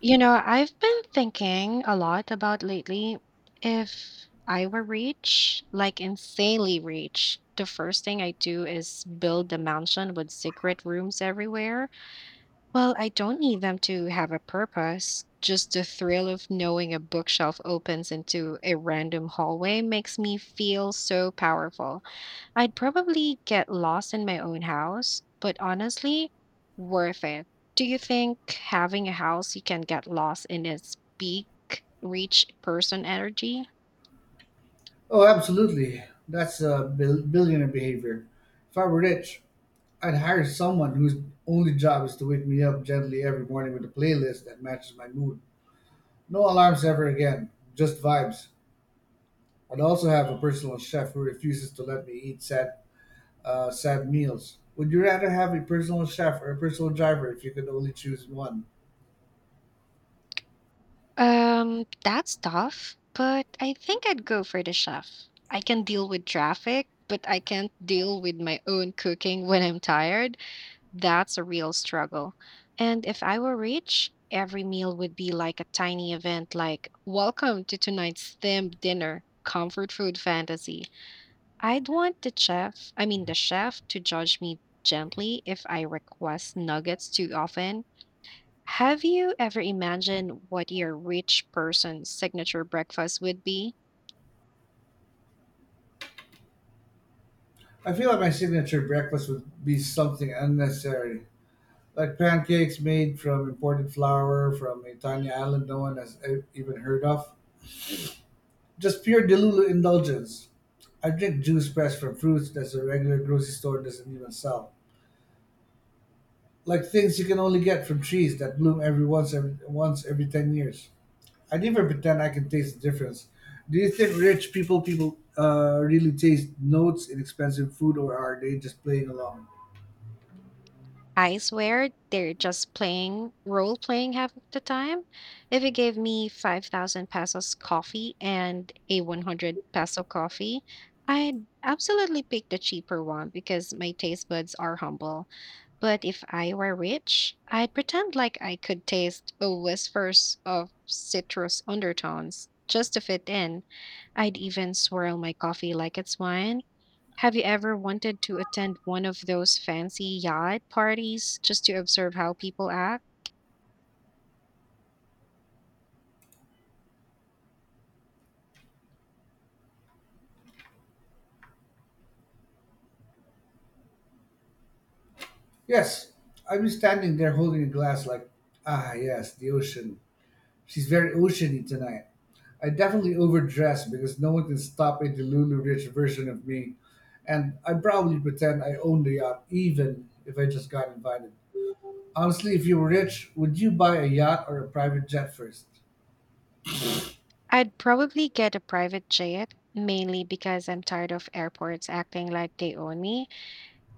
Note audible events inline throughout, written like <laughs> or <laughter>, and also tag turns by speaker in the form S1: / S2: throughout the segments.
S1: I've been thinking a lot about lately if I were rich, like insanely rich, the first thing I do is build a mansion with secret rooms everywhere. Well, I don't need them to have a purpose. Just the thrill of knowing a bookshelf opens into a random hallway makes me feel so powerful. I'd probably get lost in my own house, but honestly, worth it. Do you think having a house you can get lost in its big, rich person energy?
S2: Oh, absolutely. That's billionaire behavior. If I were rich, I'd hire someone whose only job is to wake me up gently every morning with a playlist that matches my mood. No alarms ever again, just vibes. I'd also have a personal chef who refuses to let me eat sad meals. Would you rather have a personal chef or a personal driver if you could only choose one?
S1: That's tough, but I think I'd go for the chef. I can deal with traffic, but I can't deal with my own cooking when I'm tired. That's a real struggle. And if I were rich, every meal would be like a tiny event like, welcome to tonight's themed dinner, comfort food fantasy. I'd want the chef to judge me gently if I request nuggets too often. Have you ever imagined what your rich person's signature breakfast would be?
S2: I feel like my signature breakfast would be something unnecessary, like pancakes made from imported flour from a tiny island no one has even heard of. Just pure Delulu indulgence. I drink juice pressed from fruits that a regular grocery store doesn't even sell. Like things you can only get from trees that bloom every 10 years. I never pretend I can taste the difference. Do you think rich people really taste notes in expensive food, or are they just playing along?
S1: I swear they're just playing role playing half of the time. If you gave me 5,000 pesos coffee and a 100 peso coffee, I'd absolutely pick the cheaper one because my taste buds are humble. But if I were rich, I'd pretend like I could taste a whispers of citrus undertones just to fit in. I'd even swirl my coffee like it's wine. Have you ever wanted to attend one of those fancy yacht parties just to observe how people act?
S2: Yes, I'd be standing there holding a glass, like, ah, yes, the ocean. She's very oceany tonight. I definitely overdressed because no one can stop a Delulu rich version of me, and I probably pretend I own the yacht even if I just got invited. Honestly, if you were rich, would you buy a yacht or a private jet first?
S1: I'd probably get a private jet, mainly because I'm tired of airports acting like they own me.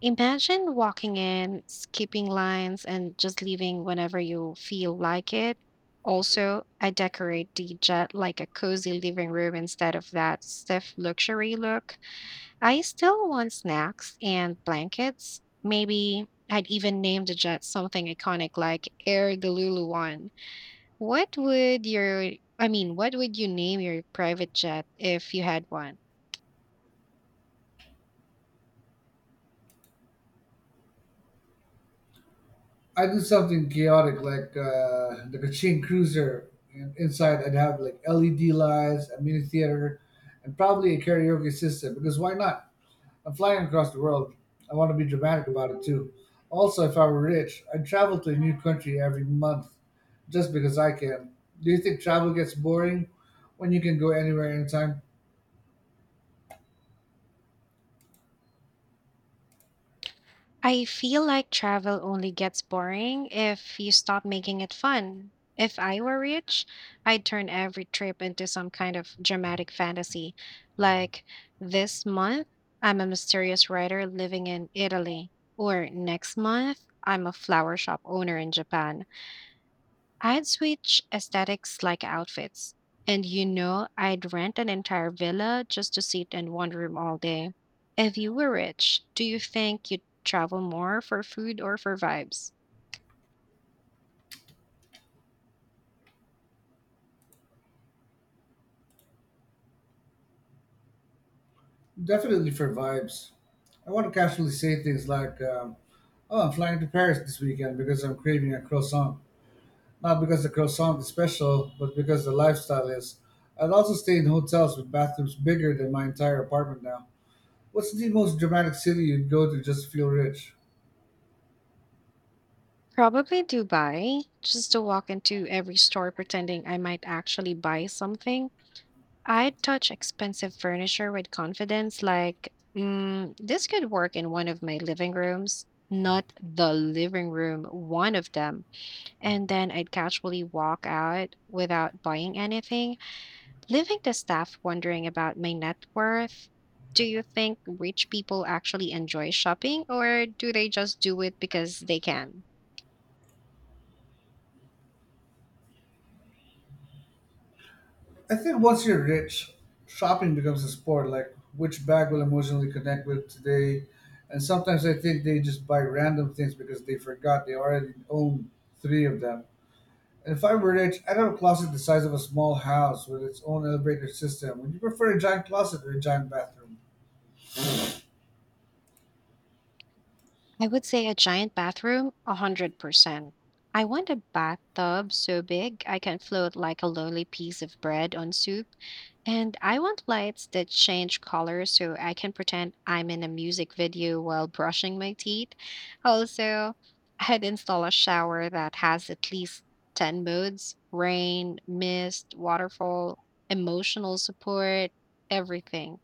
S1: Imagine walking in, skipping lines, and just leaving whenever you feel like it. Also, I decorate the jet like a cozy living room instead of that stiff luxury look. I still want snacks and blankets. Maybe I'd even name the jet something iconic like Air Deluluan. What would your what would you name your private jet if you had one?
S2: I do something chaotic like the Kachin Cruiser. And inside, I'd have like LED lights, a mini theater, and probably a karaoke system because why not? I'm flying across the world. I want to be dramatic about it too. Also, if I were rich, I'd travel to a new country every month just because I can. Do you think travel gets boring when you can go anywhere anytime?
S1: I feel like travel only gets boring if you stop making it fun. If I were rich, I'd turn every trip into some kind of dramatic fantasy. Like this month, I'm a mysterious writer living in Italy, or next month, I'm a flower shop owner in Japan. I'd switch aesthetics like outfits. And you know, I'd rent an entire villa just to sit in one room all day. If you were rich, do you think you'd travel more for food or for vibes?
S2: Definitely for vibes. I want to casually say things like, oh, I'm flying to Paris this weekend because I'm craving a croissant. Not because the croissant is special, but because the lifestyle is. I'd also stay in hotels with bathrooms bigger than my entire apartment now. What's the most dramatic city you'd go to just to feel rich?
S1: Probably Dubai, just to walk into every store pretending I might actually buy something. I'd touch expensive furniture with confidence, like, mm, this could work in one of my living rooms, not the living room, one of them. And then I'd casually walk out without buying anything, leaving the staff wondering about my net worth. Do you think rich people actually enjoy shopping, or do they just do it because they can?
S2: I think once you're rich, shopping becomes a sport. Like which bag will emotionally connect with today, and sometimes I think they just buy random things because they forgot they already own three of them. And if I were rich, I'd have a closet the size of a small house with its own elevator system. Would you prefer a giant closet or a giant bathroom?
S1: I would say a giant bathroom, 100%. I want a bathtub so big I can float like a lonely piece of bread on soup. And I want lights that change color so I can pretend I'm in a music video while brushing my teeth. Also, I'd install a shower that has at least 10 modes: rain, mist, waterfall, emotional support, everything.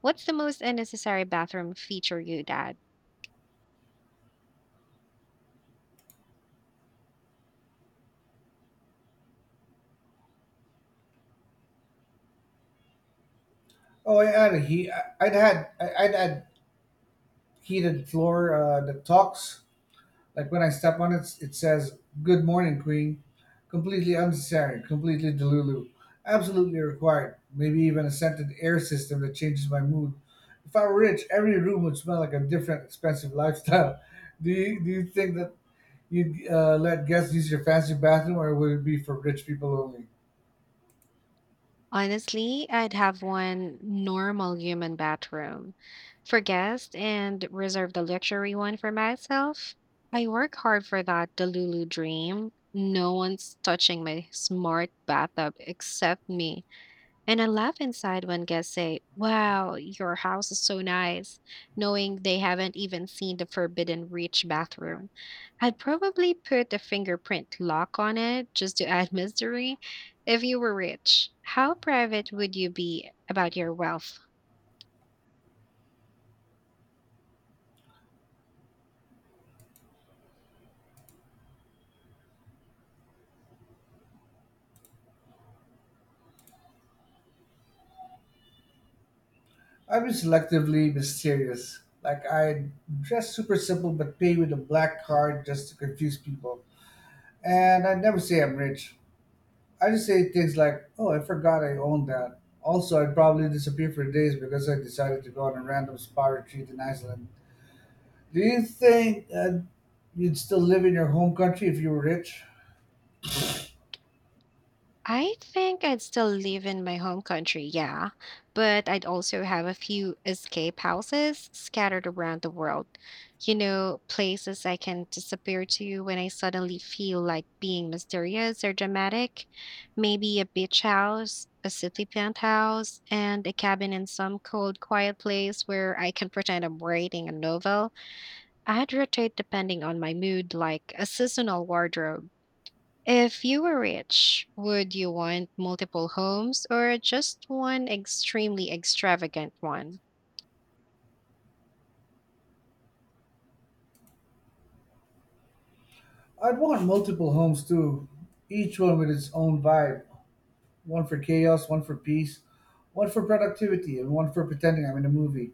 S1: What's the most unnecessary bathroom feature you'd add?
S2: Oh, I add a heat. I'd add heated floor that talks. Like when I step on it, it says "Good morning, Queen." Completely unnecessary, completely delulu. Absolutely required. Maybe even a scented air system that changes my mood. If I were rich, every room would smell like a different, expensive lifestyle. <laughs> Do you think that you'd let guests use your fancy bathroom, or would it be for rich people only?
S1: Honestly, I'd have one normal human bathroom for guests and reserve the luxury one for myself. I work hard for that Delulu dream. No one's touching my smart bathtub except me. And I laugh inside when guests say, "Wow, your house is so nice," knowing they haven't even seen the Forbidden Rich bathroom. I'd probably put a fingerprint lock on it just to add <laughs> mystery. If you were rich, how private would you be about your wealth?
S2: I'd be selectively mysterious. Like I dress super simple, but pay with a black card just to confuse people. And I'd never say I'm rich. I just say things like, oh, I forgot I owned that. Also, I'd probably disappear for days because I decided to go on a random spa retreat in Iceland. Do you think you'd still live in your home country if you were rich?
S1: I think I'd still live in my home country, yeah, but I'd also have a few escape houses scattered around the world. You know, places I can disappear to when I suddenly feel like being mysterious or dramatic. Maybe a beach house, a city penthouse, and a cabin in some cold, quiet place where I can pretend I'm writing a novel. I'd rotate depending on my mood, like a seasonal wardrobe. If you were rich, would you want multiple homes or just one extremely extravagant one?
S2: I'd want multiple homes too, each one with its own vibe: one for chaos, one for peace, one for productivity, and one for pretending I'm in a movie.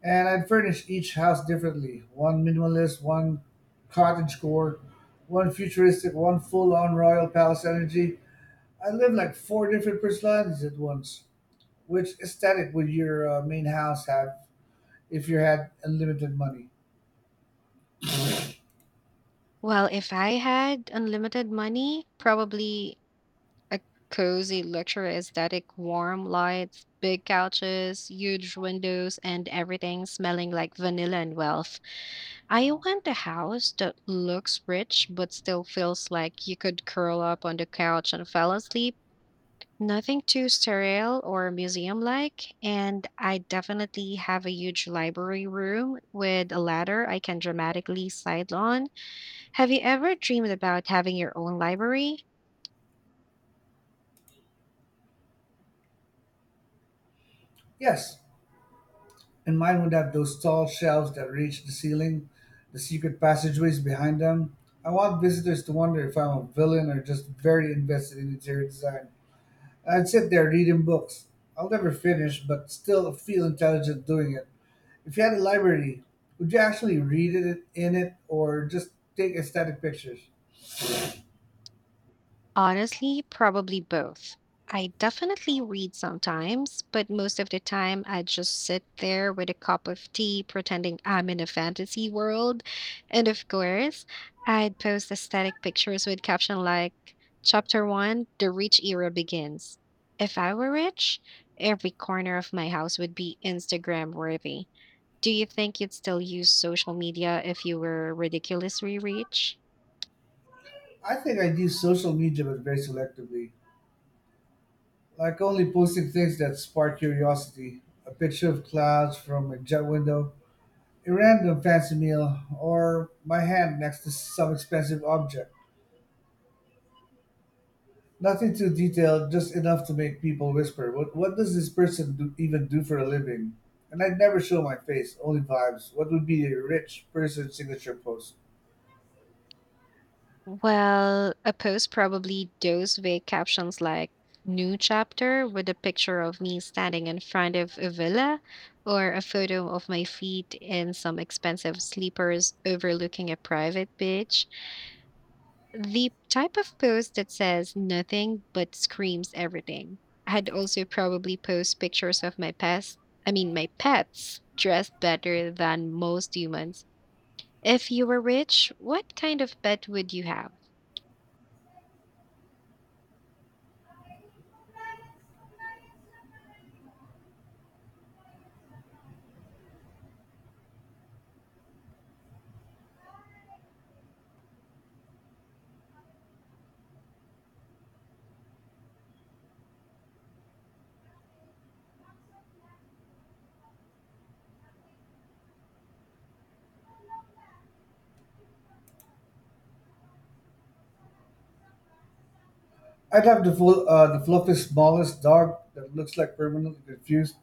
S2: And I'd furnish each house differently: one minimalist, one cottagecore, one futuristic, one full on royal palace energy. I live like four different personalities at once. Which aesthetic would your main house have if you had unlimited money?
S1: Well, if I had unlimited money, probably a cozy, luxury, aesthetic, warm lights, big couches, huge windows, and everything smelling like vanilla and wealth. I want a house that looks rich but still feels like you could curl up on the couch and fall asleep. Nothing too sterile or museum-like, and I definitely have a huge library room with a ladder I can dramatically slide on. Have you ever dreamed about having your own library?
S2: Yes, and mine would have those tall shelves that reach the ceiling, the secret passageways behind them. I want visitors to wonder if I'm a villain or just very invested in interior design. I'd sit there reading books I'll never finish, but still feel intelligent doing it. If you had a library, would you actually read it in it or just take aesthetic pictures?
S1: Honestly, probably both. I definitely read sometimes, but most of the time I just sit there with a cup of tea pretending I'm in a fantasy world. And of course, I'd post aesthetic pictures with caption like Chapter 1: The Rich Era Begins. If I were rich, every corner of my house would be Instagram worthy. Do you think you'd still use social media if you were ridiculously rich?
S2: I think I use social media, but very selectively. Like only posting things that spark curiosity, a picture of clouds from a jet window, a random fancy meal, or my hand next to some expensive object. Nothing too detailed, just enough to make people whisper, What does this person even do for a living? And I'd never show my face, only vibes. What would be a rich person's signature post?
S1: Well, a post probably those with captions like new chapter with a picture of me standing in front of a villa or a photo of my feet in some expensive sleepers overlooking a private beach. The type of post that says nothing but screams everything. I'd also probably post pictures of my pets dressed better than most humans. If you were rich, what kind of pet would you have?
S2: I'd have the fluffy smallest dog that looks like permanently confused.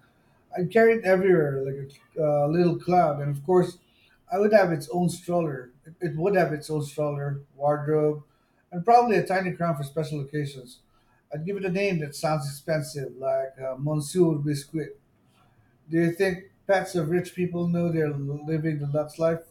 S2: I'd carry it everywhere like a little cloud, and of course, I would have its own stroller. It would have its own stroller, wardrobe, and probably a tiny crown for special occasions. I'd give it a name that sounds expensive, like Monsieur Biscuit. Do you think pets of rich people know they're living the Lux life?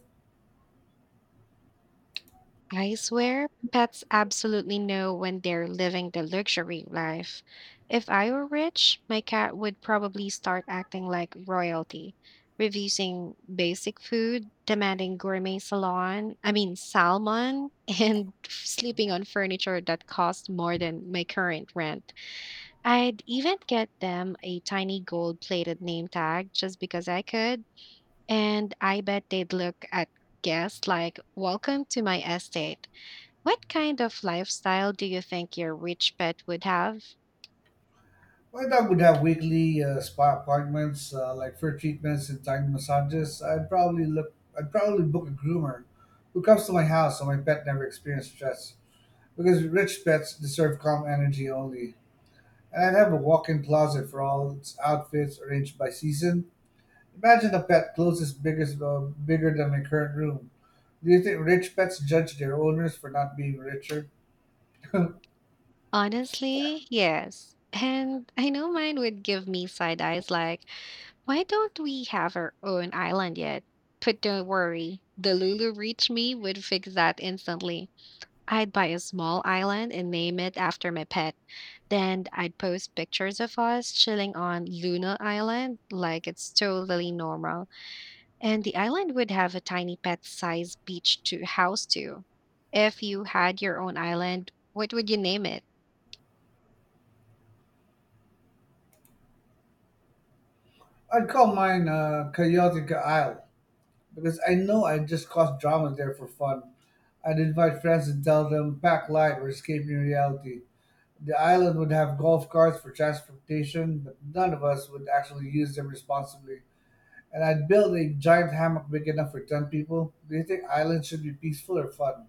S1: I swear, pets absolutely know when they're living the luxury life. If I were rich, my cat would probably start acting like royalty, refusing basic food, demanding gourmet salon, I mean salmon, <laughs> and sleeping on furniture that costs more than my current rent. I'd even get them a tiny gold-plated name tag just because I could, and I bet they'd look at guests like, "Welcome to my estate." What kind of lifestyle do you think your rich pet would have?
S2: My dog would have weekly spa appointments, like fur treatments and tiny massages. I'd probably look. I'd probably book a groomer who comes to my house so my pet never experiences stress. Because rich pets deserve calm energy only. And I'd have a walk-in closet for all its outfits arranged by season. Imagine a pet closest biggest bigger than my current room. Do you think rich pets judge their owners for not being richer?
S1: Honestly, yes. And I know mine would give me side eyes like, why don't we have our own island yet? But don't worry, the Lulu Reach Me would fix that instantly. I'd buy a small island and name it after my pet. Then I'd post pictures of us chilling on Luna Island like it's totally normal. And the island would have a tiny pet sized beach to house too. If you had your own island, what would you name it?
S2: I'd call mine Chaotica Isle because I know I just caused drama there for fun. I'd invite friends and tell them, pack light or are escaping reality. The island would have golf carts for transportation, but none of us would actually use them responsibly. And I'd build a giant hammock big enough for 10 people. Do you think islands should be peaceful or fun?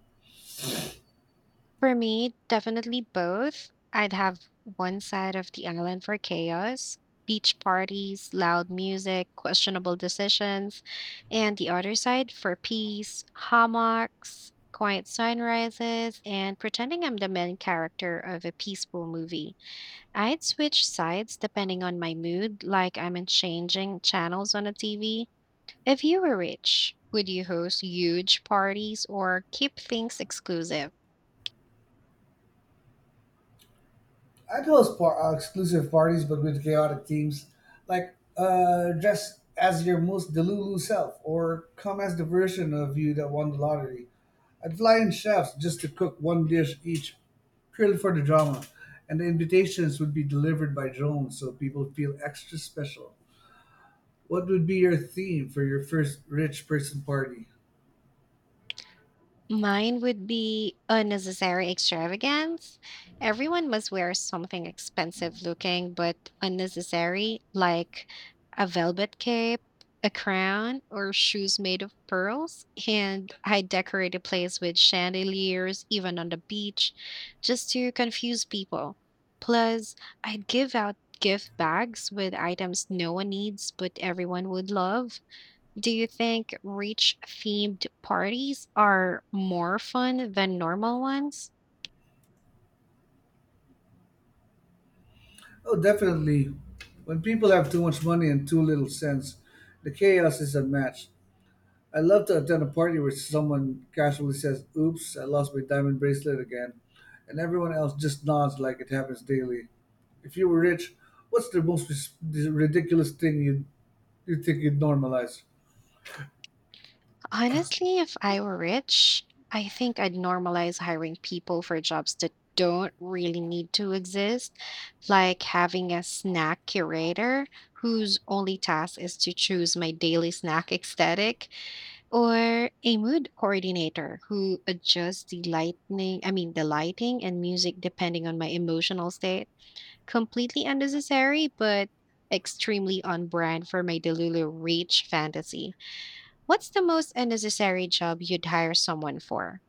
S1: For me, definitely both. I'd have one side of the island for chaos, beach parties, loud music, questionable decisions, and the other side for peace, hammocks, quiet sunrises, and pretending I'm the main character of a peaceful movie. I'd switch sides depending on my mood, like I'm in changing channels on a TV. If you were rich, would you host huge parties or keep things exclusive?
S2: I'd host exclusive parties, but with chaotic themes, like dress as your most Delulu self, or come as the version of you that won the lottery. I'd fly in chefs just to cook one dish each, Krilled for the drama, and the invitations would be delivered by drone, so people feel extra special. What would be your theme for your first rich person party?
S1: Mine would be unnecessary extravagance. Everyone must wear something expensive looking but unnecessary, like a velvet cape, a crown, or shoes made of pearls. And I decorate a place with chandeliers, even on the beach, just to confuse people. Plus, I'd give out gift bags with items no one needs but everyone would love. Do you think rich themed parties are more fun than normal ones?
S2: Oh, definitely. When people have too much money and too little sense, the chaos is unmatched. I love to attend a party where someone casually says, Oops, I lost my diamond bracelet again, and everyone else just nods like it happens daily. If you were rich, what's the most ridiculous thing you think you'd normalize?
S1: Honestly, if I were rich, I think I'd normalize hiring people for jobs that don't really need to exist, like having a snack curator whose only task is to choose my daily snack aesthetic, or a mood coordinator who adjusts the lightning, I mean the lighting and music depending on my emotional state. Completely unnecessary, but extremely on brand for my Delulu Reach fantasy. What's the most unnecessary job you'd hire someone for?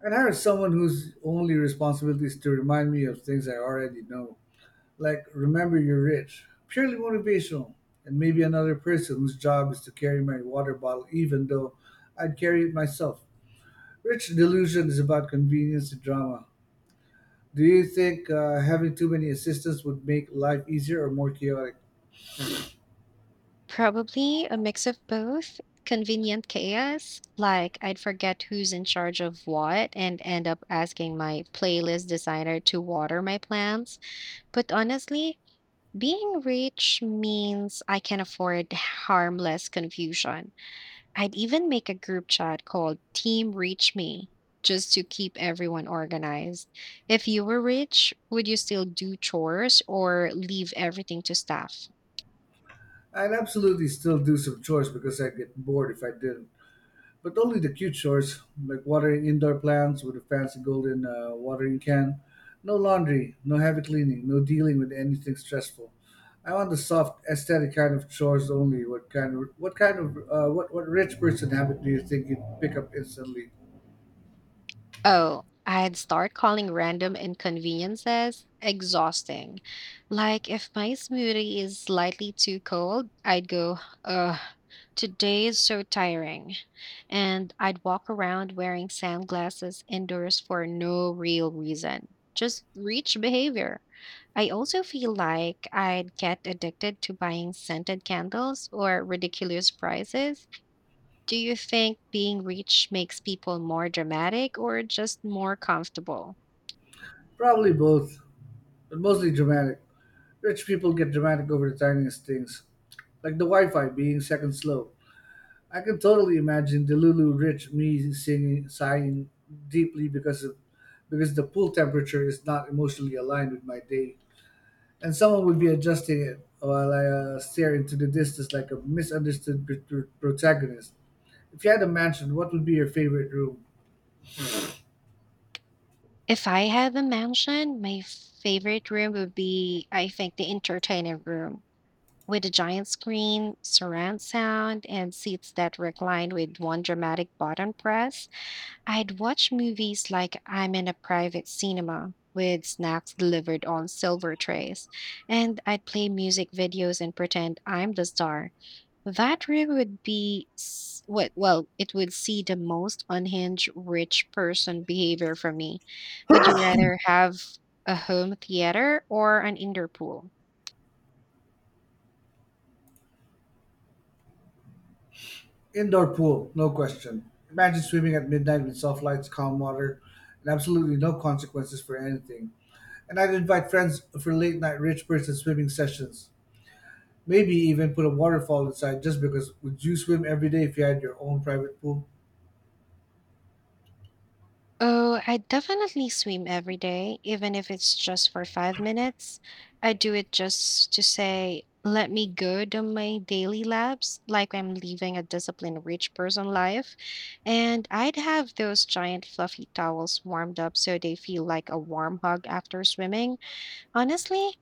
S2: And hire someone whose only responsibility is to remind me of things I already know. Like, remember you're rich. Purely motivational. And maybe another person whose job is to carry my water bottle even though I'd carry it myself. Rich delusion is about convenience and drama. Do you think having too many assistants would make life easier or more chaotic?
S1: Probably a mix of both. Convenient chaos, like I'd forget who's in charge of what and end up asking my playlist designer to water my plants. But honestly, being rich means I can afford harmless confusion. I'd even make a group chat called Team Reach Me just to keep everyone organized. If you were rich, would you still do chores or leave everything to staff?
S2: I'd absolutely still do some chores because I'd get bored if I didn't, but only the cute chores like watering indoor plants with a fancy golden watering can. No laundry, no heavy cleaning, no dealing with anything stressful. I want the soft, aesthetic kind of chores only. What kind of what kind of what rich person habit do you think you'd pick up instantly?
S1: Oh, I'd start calling random inconveniences exhausting. Like if my smoothie is slightly too cold, I'd go, ugh, today is so tiring. And I'd walk around wearing sunglasses indoors for no real reason. Just reach behavior. I also feel like I'd get addicted to buying scented candles or ridiculous prices. Do you think being rich makes people more dramatic or just more comfortable?
S2: Probably both, but mostly dramatic. Rich people get dramatic over the tiniest things, like the Wi-Fi being second slow. I can totally imagine the Lulu Rich me singing, sighing deeply because the pool temperature is not emotionally aligned with my day, and someone would be adjusting it while I stare into the distance like a misunderstood protagonist. If you had a mansion, what would be your favorite room?
S1: If I had a mansion, my favorite room would be, I think, the entertainment room with a giant screen, surround sound, and seats that recline with one dramatic button press. I'd watch movies like I'm in a private cinema with snacks delivered on silver trays, and I'd play music videos and pretend I'm the star. That room would be s- what well, It would see the most unhinged rich person behavior from me. Would you rather have a home theater or an indoor pool?
S2: Indoor pool, no question. Imagine swimming at midnight with soft lights, calm water, and absolutely no consequences for anything. And I'd invite friends for late night rich person swimming sessions. Maybe even put a waterfall inside just because. Would you swim every day if you had your own private pool?
S1: Oh, I definitely swim every day, even if it's just for 5 minutes. I do it just to say, let me go to my daily laps, like I'm living a disciplined rich person life. And I'd have those giant fluffy towels warmed up so they feel like a warm hug after swimming. Honestly,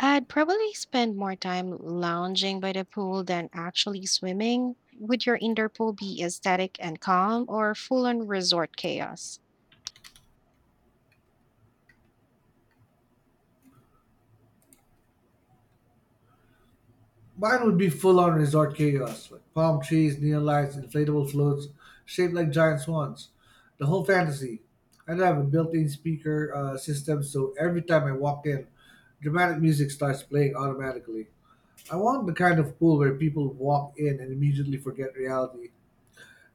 S1: I'd probably spend more time lounging by the pool than actually swimming. Would your indoor pool be aesthetic and calm or full on resort chaos?
S2: Mine would be full on resort chaos, like palm trees, neon lights, inflatable floats, shaped like giant swans. The whole fantasy. I'd have a built in speaker system so every time I walk in, dramatic music starts playing automatically. I want the kind of pool where people walk in and immediately forget reality.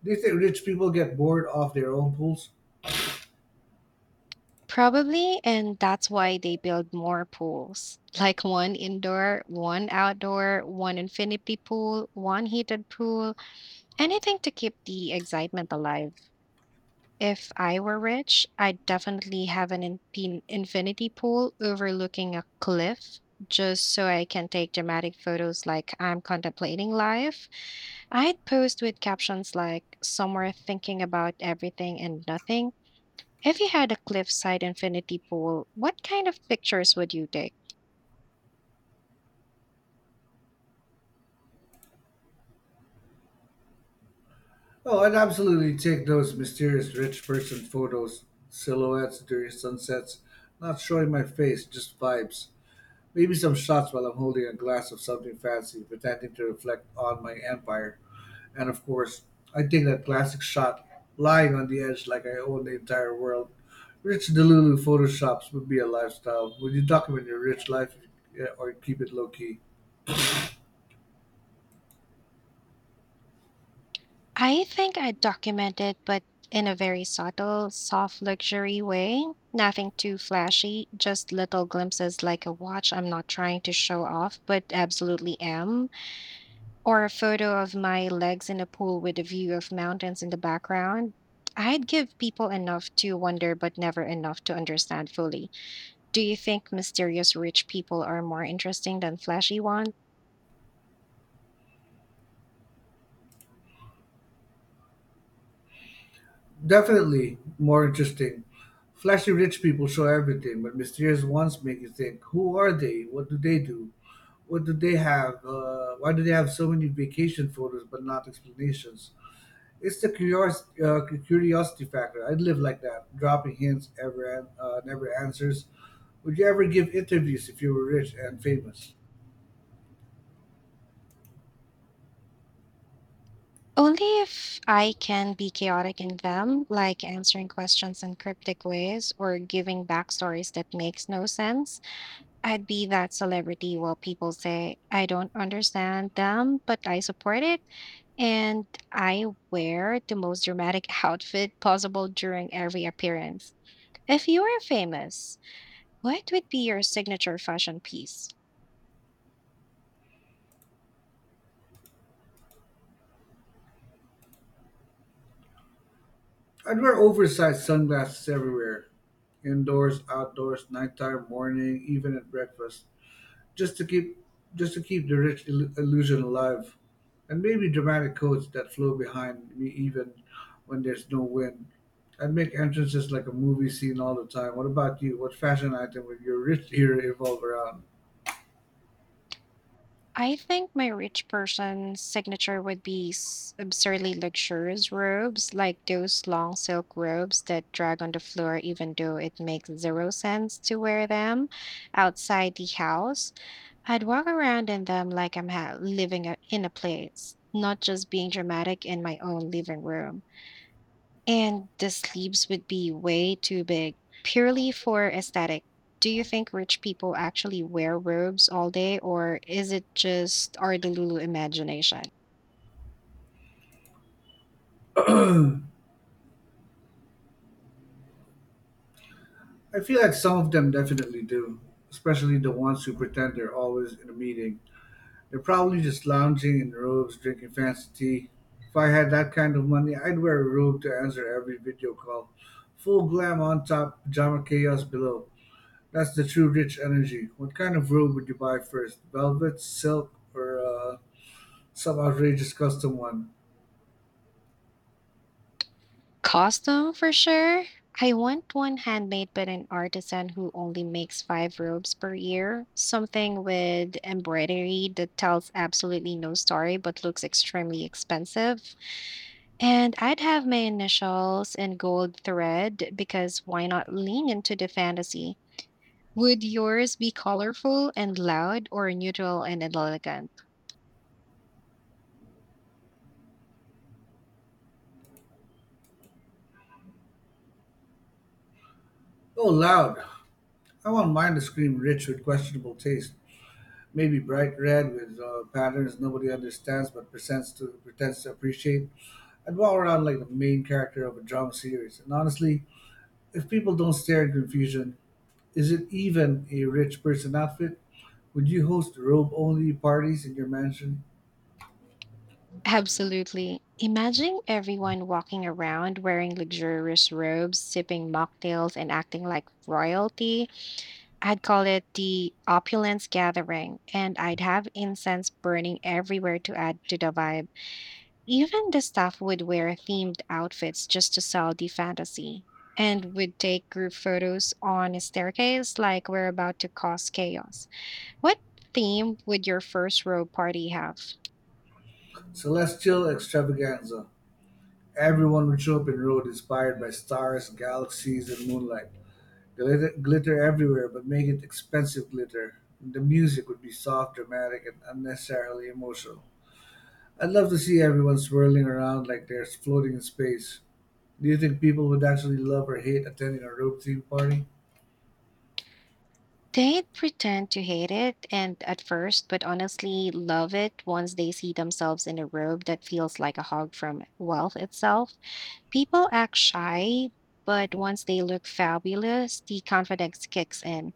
S2: Do you think rich people get bored off their own pools?
S1: Probably, and that's why they build more pools. <laughs> Like one indoor, one outdoor, one infinity pool, one heated pool, anything to keep the excitement alive. If I were rich, I'd definitely have an infinity pool overlooking a cliff just so I can take dramatic photos like I'm contemplating life. I'd post with captions like, Somewhere thinking about everything and nothing if you had a cliffside infinity pool, what kind of pictures would you take?
S2: Oh, I'd absolutely take those mysterious rich person photos, silhouettes during sunsets, not showing my face, just vibes. Maybe some shots while I'm holding a glass of something fancy, pretending to reflect on my empire. And of course, I'd take that classic shot, lying on the edge like I own the entire world. Rich Delulu photoshops would be a lifestyle. Would you document your rich life or keep it low key?
S1: I think I'd document it, but in a very subtle, soft luxury way. Nothing too flashy, just little glimpses like a watch I'm not trying to show off, but absolutely am. Or a photo of my legs in a pool with a view of mountains in the background. I'd give people enough to wonder, but never enough to understand fully. Do you think mysterious rich people are more interesting than flashy ones?
S2: Definitely more interesting. Flashy rich people show everything, but mysterious ones make you think: Who are they? What do they do? What do they have? Why do they have so many vacation photos but not explanations? It's the curiosity factor. I'd live like that, dropping hints, ever never answers. Would you ever give interviews if you were rich and famous?
S1: Only if I can be chaotic in them, like answering questions in cryptic ways or giving backstories that makes no sense. I'd be that celebrity while people say, I don't understand them, but I support it. And I wear the most dramatic <laughs> outfit possible during every appearance. If you were famous, what would be your signature fashion piece?
S2: I'd wear oversized sunglasses everywhere, indoors, outdoors, nighttime, morning, even at breakfast, just to keep just to keep the rich illusion alive, and maybe dramatic codes that flow behind me even when there's no wind. I'd make entrances like a movie scene all the time. What about you? What fashion item would your rich era evolve around?
S1: I think my rich person signature would be absurdly luxurious robes, like those long silk robes that drag on the floor, even though it makes zero sense to wear them outside the house. I'd walk around in them like I'm living in a place, not just being dramatic in my own living room. And the sleeves would be way too big, purely for aesthetic. Do you think rich people actually wear robes all day, or is it just our delulu imagination?
S2: I feel like some of them definitely do, especially the ones who pretend they're always in a meeting. They're probably just lounging in robes, drinking fancy tea. If I had that kind of money, I'd wear a robe to answer every video call. Full glam on top, pajama chaos below. That's the true rich energy. What kind of robe would you buy first? Velvet, silk, or some outrageous custom one?
S1: Costume for sure. I want one handmade but an artisan who only makes 5 robes per year. Something with embroidery that tells absolutely no story but looks extremely expensive. And I'd have my initials in gold thread because why not lean into the fantasy? Would yours be colorful and loud or neutral and elegant?
S2: Oh, loud! I want mine to scream rich with questionable taste. Maybe bright red with patterns nobody understands but pretends to appreciate. I'd walk around like the main character of a drama series. And honestly, if people don't stare in confusion, is it even a rich person outfit? Would you host robe only parties in your mansion?
S1: Absolutely. Imagine everyone walking around wearing luxurious robes, sipping mocktails, and acting like royalty. I'd call it the opulence gathering, and I'd have incense burning everywhere to add to the vibe. Even the staff would wear themed outfits just to sell the fantasy. And would take group photos on a staircase like we're about to cause chaos. What theme would your first row party have?
S2: Celestial extravaganza. Everyone would show up in Road inspired by stars, galaxies, and moonlight. Glitter everywhere, but make it expensive glitter. The music would be soft, dramatic, and unnecessarily emotional. I'd love to see everyone swirling around like they're floating in space. Do you think people would actually love or hate attending a rope theme party?
S1: They'd pretend to hate it and at first, but honestly love it once they see themselves in a robe that feels like a hug from wealth itself. People act shy, but once they look fabulous, the confidence kicks in.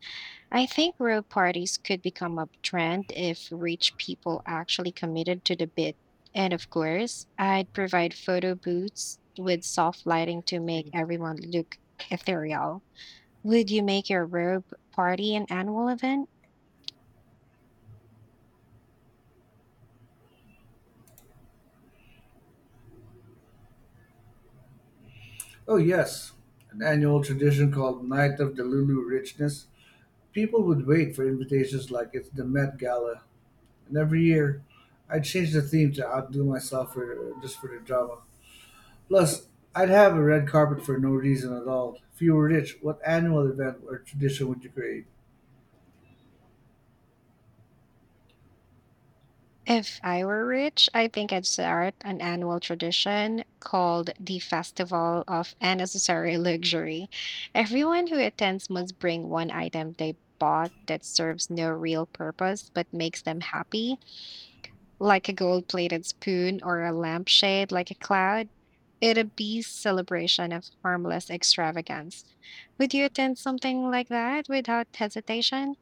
S1: I think robe parties could become a trend if rich people actually committed to the bit. And of course, I'd provide photo booths with soft lighting to make Mm. everyone look ethereal. Would you make your robe party an annual event?
S2: Oh, yes. An annual tradition called Night of the Lulu Richness. People would wait for invitations like it's the Met Gala. And every year, I'd change the theme to outdo myself, for just for the drama. Plus, I'd have a red carpet for no reason at all. If you were rich, what annual event or tradition would you create?
S1: If I were rich, I think I'd start an annual tradition called the Festival of Unnecessary Luxury. Everyone who attends must bring one item they bought that serves no real purpose but makes them happy, like a gold plated spoon or a lampshade like a cloud. It'd be celebration of harmless extravagance. Would you attend something like that without hesitation?